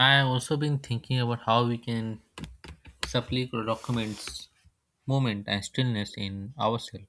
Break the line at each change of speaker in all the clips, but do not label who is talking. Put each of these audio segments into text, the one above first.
I have also been thinking about how we can supply documents, moment, and stillness in ourselves.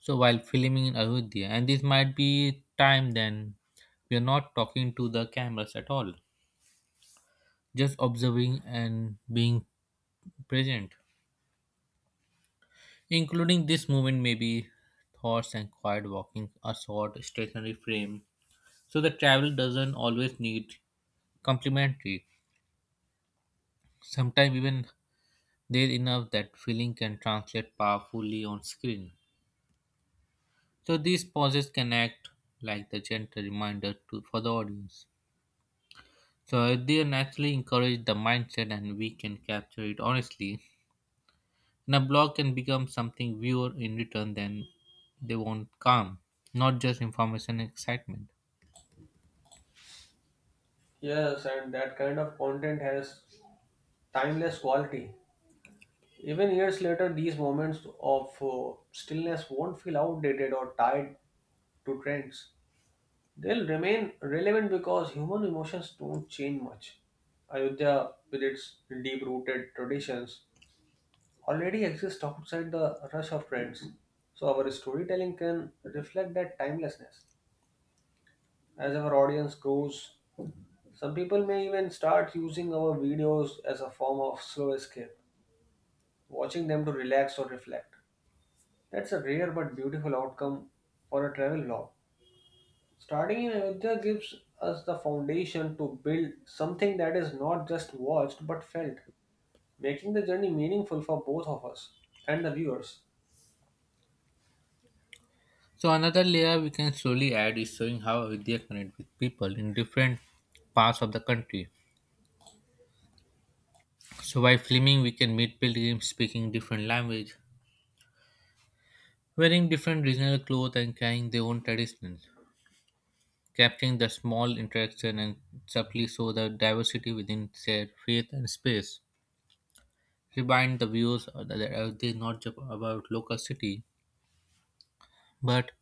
So while filming in Ayodhya, and this might be time then we are not talking to the cameras at all, just observing and being present, including this movement, maybe thoughts and quiet walking, a short stationary frame. So the travel doesn't always need complimentary. Sometimes even there enough that feeling can translate powerfully on screen. So these pauses can act like the gentle reminder to for the audience. So they naturally encourage the mindset and we can capture it honestly. And a blog can become something viewer in return then they want calm, not just information and excitement.
Yes, and that kind of content has timeless quality. Even years later, these moments of stillness won't feel outdated or tied to trends. They'll remain relevant because human emotions don't change much. Ayodhya, with its deep rooted traditions, already exists outside the rush of trends. So, our storytelling can reflect that timelessness. As our audience grows, some people may even start using our videos as a form of slow escape, watching them to relax or reflect. That's a rare but beautiful outcome for a travel log. Starting in Ayodhya gives us the foundation to build something that is not just watched but felt, making the journey meaningful for both of us and the viewers.
So another layer we can slowly add is showing how Vidya connect with people in different parts of the country. So by filming we can meet pilgrims speaking different language, wearing different regional clothes and carrying their own traditions. Capturing the small interaction and subtly show the diversity within their faith and space. Remind the views that are they not just about local city, but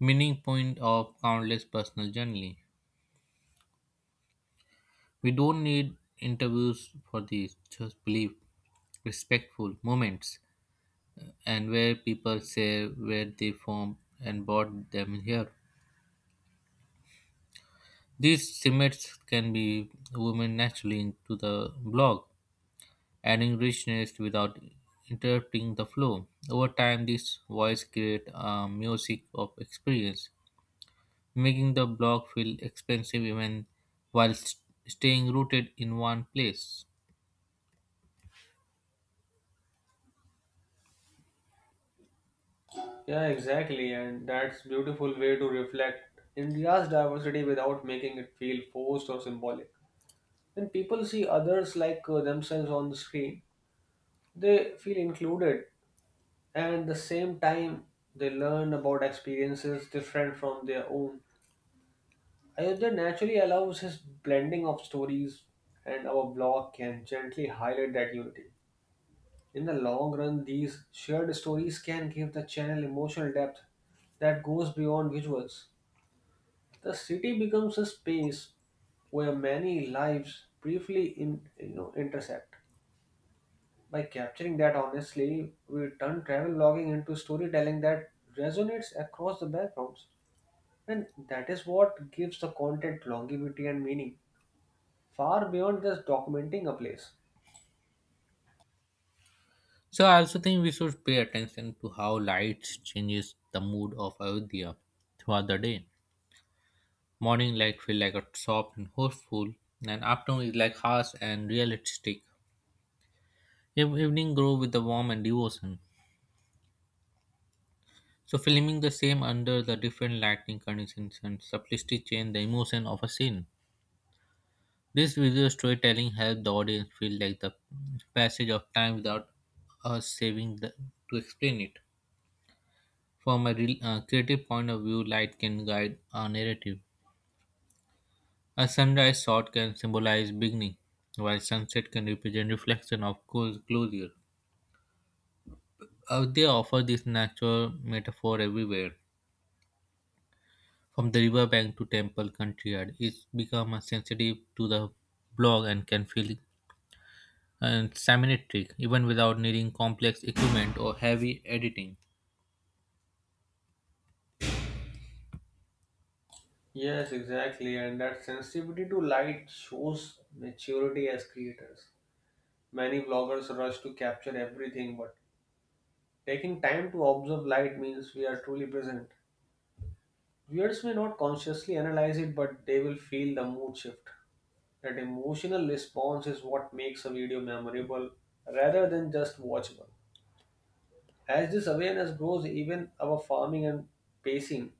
meaning point of countless personal journey. We don't need interviews for these, just believe respectful moments and where people say where they form and brought them here. These cements can be woven naturally into the blog adding richness without interrupting the flow. Over time, these voices create a music of experience, making the block feel expansive even while st- staying rooted in one place.
Yeah, exactly, and that's beautiful way to reflect India's diversity without making it feel forced or symbolic. When people see others like themselves on the screen, they feel included and at the same time they learn about experiences different from their own. Ayodhya naturally allows his blending of stories and our blog can gently highlight that unity. In the long run, these shared stories can give the channel emotional depth that goes beyond visuals. The city becomes a space where many lives briefly intersect. By capturing that honestly, we turn travel logging into storytelling that resonates across the backgrounds. And that is what gives the content longevity and meaning, far beyond just documenting a place.
So I also think we should pay attention to how light changes the mood of Ayodhya throughout the day. Morning light feel like a soft and hopeful, and afternoon is like harsh and realistic. Evening grow with the warmth and devotion. So filming the same under the different lighting conditions and subtly change the emotion of a scene. This visual storytelling helps the audience feel like the passage of time without us saving the, to explain it. From a real, creative point of view, light can guide our narrative. A sunrise shot can symbolize beginning, while sunset can represent reflection of closure. They offer this natural metaphor everywhere. From the riverbank to temple courtyard, it's become a sensitive to the blog and can feel and semantic even without needing complex equipment or heavy editing.
Yes, exactly. And that sensitivity to light shows maturity as creators. Many vloggers rush to capture everything, but taking time to observe light means we are truly present. Viewers may not consciously analyze it, but they will feel the mood shift. That emotional response is what makes a video memorable rather than just watchable. As this awareness grows, even our farming and pacing,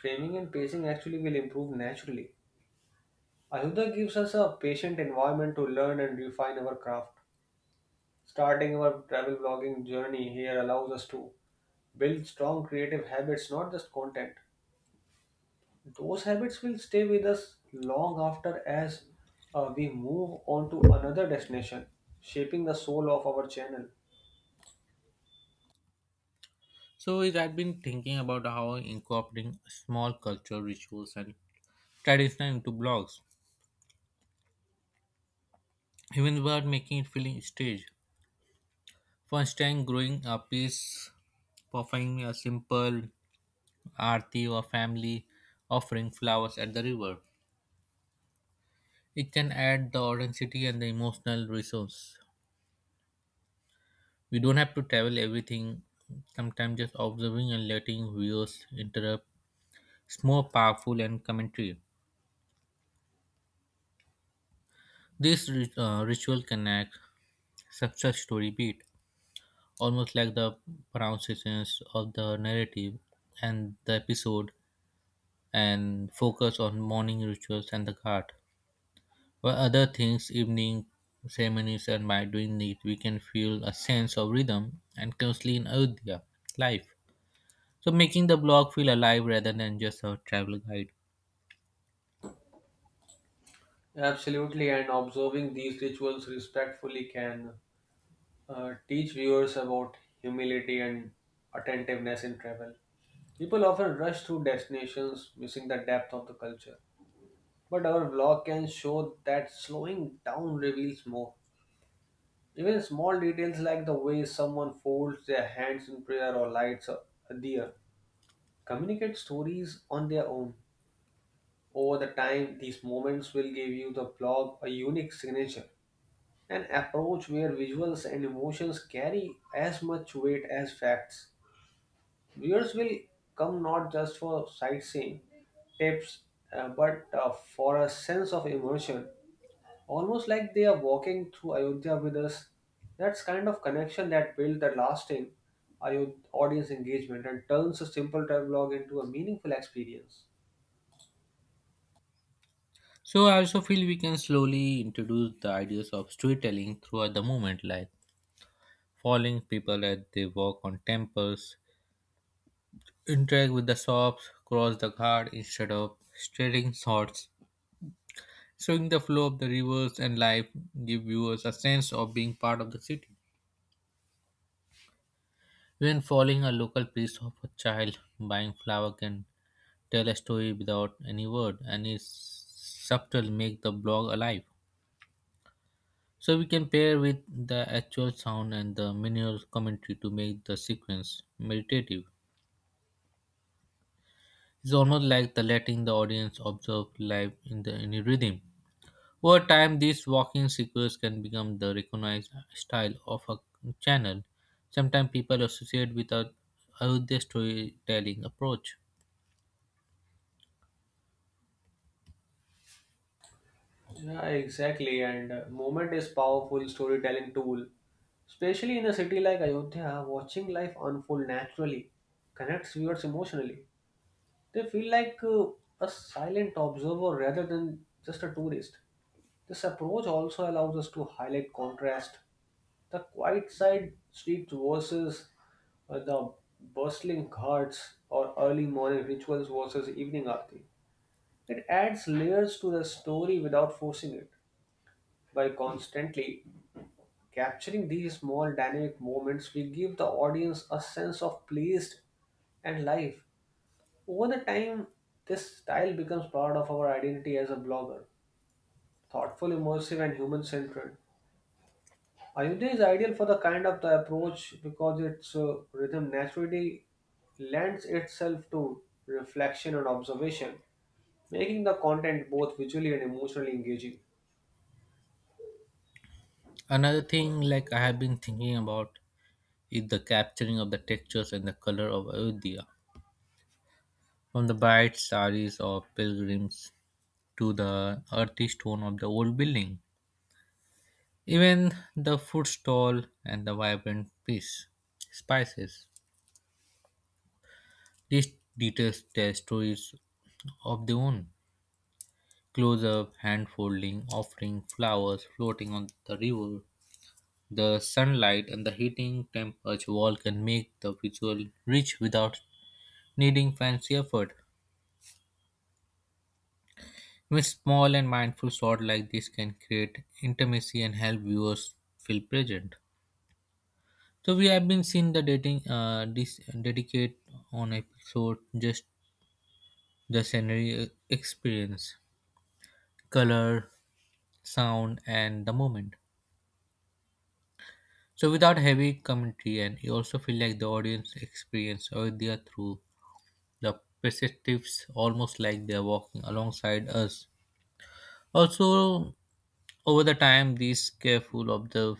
framing and pacing actually will improve naturally. Ayuda gives us a patient environment to learn and refine our craft. Starting our travel vlogging journey here allows us to build strong creative habits, not just content. Those habits will stay with us long after as we move on to another destination, shaping the soul of our channel.
So is I've been thinking about how incorporating small culture rituals and tradition into blogs, even without making it feeling staged. For instance, growing a piece, performing a simple aarti or family offering flowers at the river. It can add the authenticity and the emotional resource. We don't have to travel everything. Sometimes just observing and letting viewers interrupt is more powerful and commentary. This ritual connects success story beat, almost like the pronunciations of the narrative and the episode, and focus on morning rituals and the guard. While other things, evening ceremonies, and by doing it, we can feel a sense of rhythm and closely in Ayodhya life. So making the blog feel alive rather than just a travel guide.
Absolutely, and observing these rituals respectfully can teach viewers about humility and attentiveness in travel. People often rush through destinations, missing the depth of the culture. But our vlog can show that slowing down reveals more. Even small details like the way someone folds their hands in prayer or lights a deer communicate stories on their own. Over the time, these moments will give you the blog a unique signature, an approach where visuals and emotions carry as much weight as facts. Viewers will come not just for sightseeing tips, but for a sense of immersion, almost like they are walking through Ayodhya with us. That's kind of connection that builds the lasting audience engagement and turns a simple travelogue into a meaningful experience.
So I also feel we can slowly introduce the ideas of storytelling throughout the movement, like following people as they walk on temples, interact with the shops, cross the guard instead of staring shots, showing the flow of the rivers and life give viewers a sense of being part of the city. Even following a local piece of a child buying flower can tell a story without any word and is subtle make the blog alive. So we can pair with the actual sound and the minimal commentary to make the sequence meditative. It's almost like the letting the audience observe life in the in a rhythm. Over time, these walking sequence can become the recognized style of a channel. Sometimes people associate with a Ayodhya storytelling approach.
Yeah, exactly. And movement is powerful storytelling tool, especially in a city like Ayodhya. Watching life unfold naturally connects viewers emotionally. They feel like a silent observer rather than just a tourist. This approach also allows us to highlight contrast: the quiet side streets versus the bustling ghats or early morning rituals versus evening aarti. It adds layers to the story without forcing it. By constantly capturing these small dynamic moments, we give the audience a sense of place and life. Over the time, this style becomes part of our identity as a blogger. Thoughtful, immersive, and human centered. Ayodhya is ideal for the kind of the approach because its rhythm naturally lends itself to reflection and observation, making the content both visually and emotionally engaging.
Another thing like I have been thinking about is the capturing of the textures and the color of Ayodhya. From the bright saris of pilgrims to the earthy stone of the old building. Even the food stall and the vibrant fish, spices. These details tell stories of their own. Close up, hand folding, offering flowers floating on the river. The sunlight and the heating temperature wall can make the visual rich without needing fancy effort. With small and mindful shot like this can create intimacy and help viewers feel present. So we have been seen the dating this dedicate on episode just the scenery experience, color, sound and the moment. So without heavy commentary and you also feel like the audience experience or they are through the perspectives almost like they are walking alongside us. Also over the time this careful of the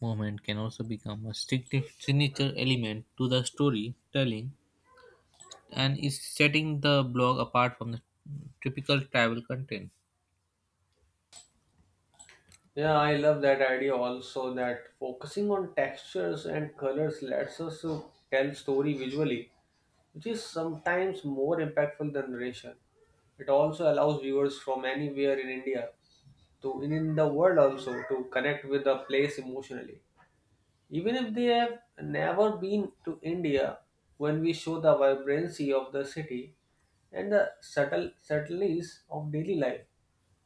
moment can also become a signature element to the storytelling and is setting the blog apart from the typical travel content.
Yeah, I love that idea also that focusing on textures and colors lets us to tell story visually, which is sometimes more impactful than narration. It also allows viewers from anywhere in India to in the world also to connect with the place emotionally. Even if they have never been to India, when we show the vibrancy of the city and the subtleties of daily life,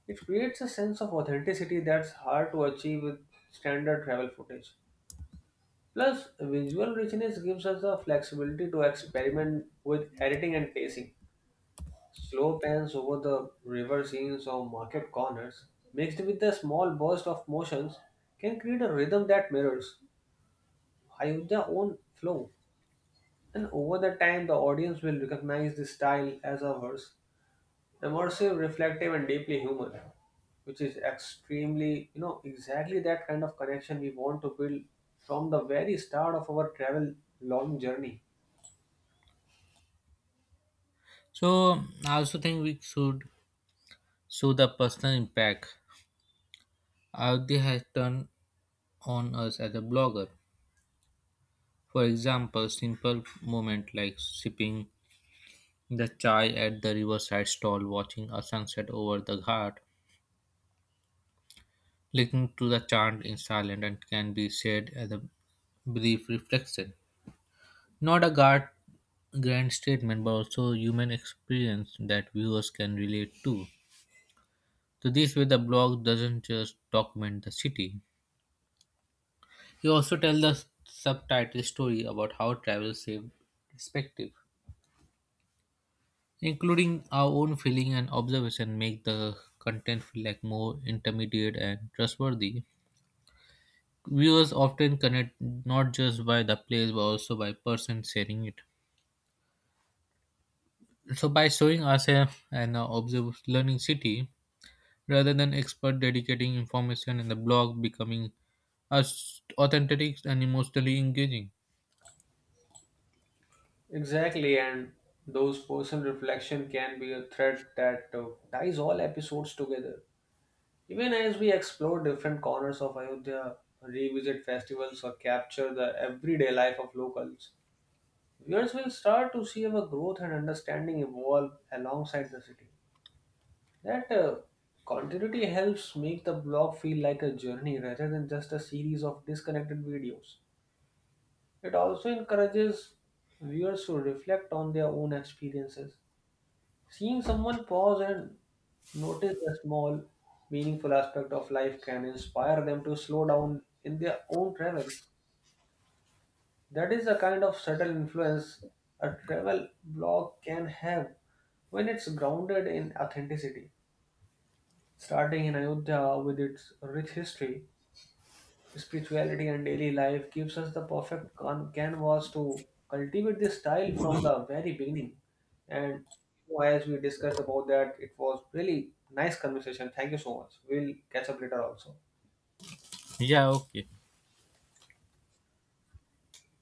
it creates a sense of authenticity that's hard to achieve with standard travel footage. Plus, visual richness gives us the flexibility to experiment with editing and pacing. Slow pans over the river scenes or market corners, mixed with the small burst of motions, can create a rhythm that mirrors Ayodhya's own flow. And over the time, the audience will recognize this style as ours immersive, reflective, and deeply human, which is extremely, exactly that kind of connection we want to build from the very start of our travel long journey.
So I also think we should show the personal impact Avdi has done on us as a blogger. For example, simple moment like sipping the chai at the riverside stall, watching a sunset over the ghat, listening to the chant in silence, and can be said as a brief reflection. Not a guard, grand statement, but also human experience that viewers can relate to. So this way the blog doesn't just document the city. He also tells the subtitle story about how travel saved perspective. Including our own feeling and observation make the content feel like more intermediate and trustworthy. Viewers often connect not just by the place but also by person sharing it. So by showing ourselves and our observed learning city, rather than expert dedicating information and the blog becoming as authentic and emotionally engaging.
Exactly, and those personal reflection can be a thread that ties all episodes together. Even as we explore different corners of Ayodhya, revisit festivals, or capture the everyday life of locals, viewers will start to see our growth and understanding evolve alongside the city. That continuity helps make the blog feel like a journey rather than just a series of disconnected videos. It also encourages viewers to reflect on their own experiences. Seeing someone pause and notice a small, meaningful aspect of life can inspire them to slow down in their own travels. That is the kind of subtle influence a travel blog can have when it's grounded in authenticity. Starting in Ayodhya with its rich history, spirituality, and daily life gives us the perfect canvas to cultivate this style from the very beginning. And as we discussed about that, it was really nice conversation. Thank you so much. We'll catch up later also.
Yeah, okay.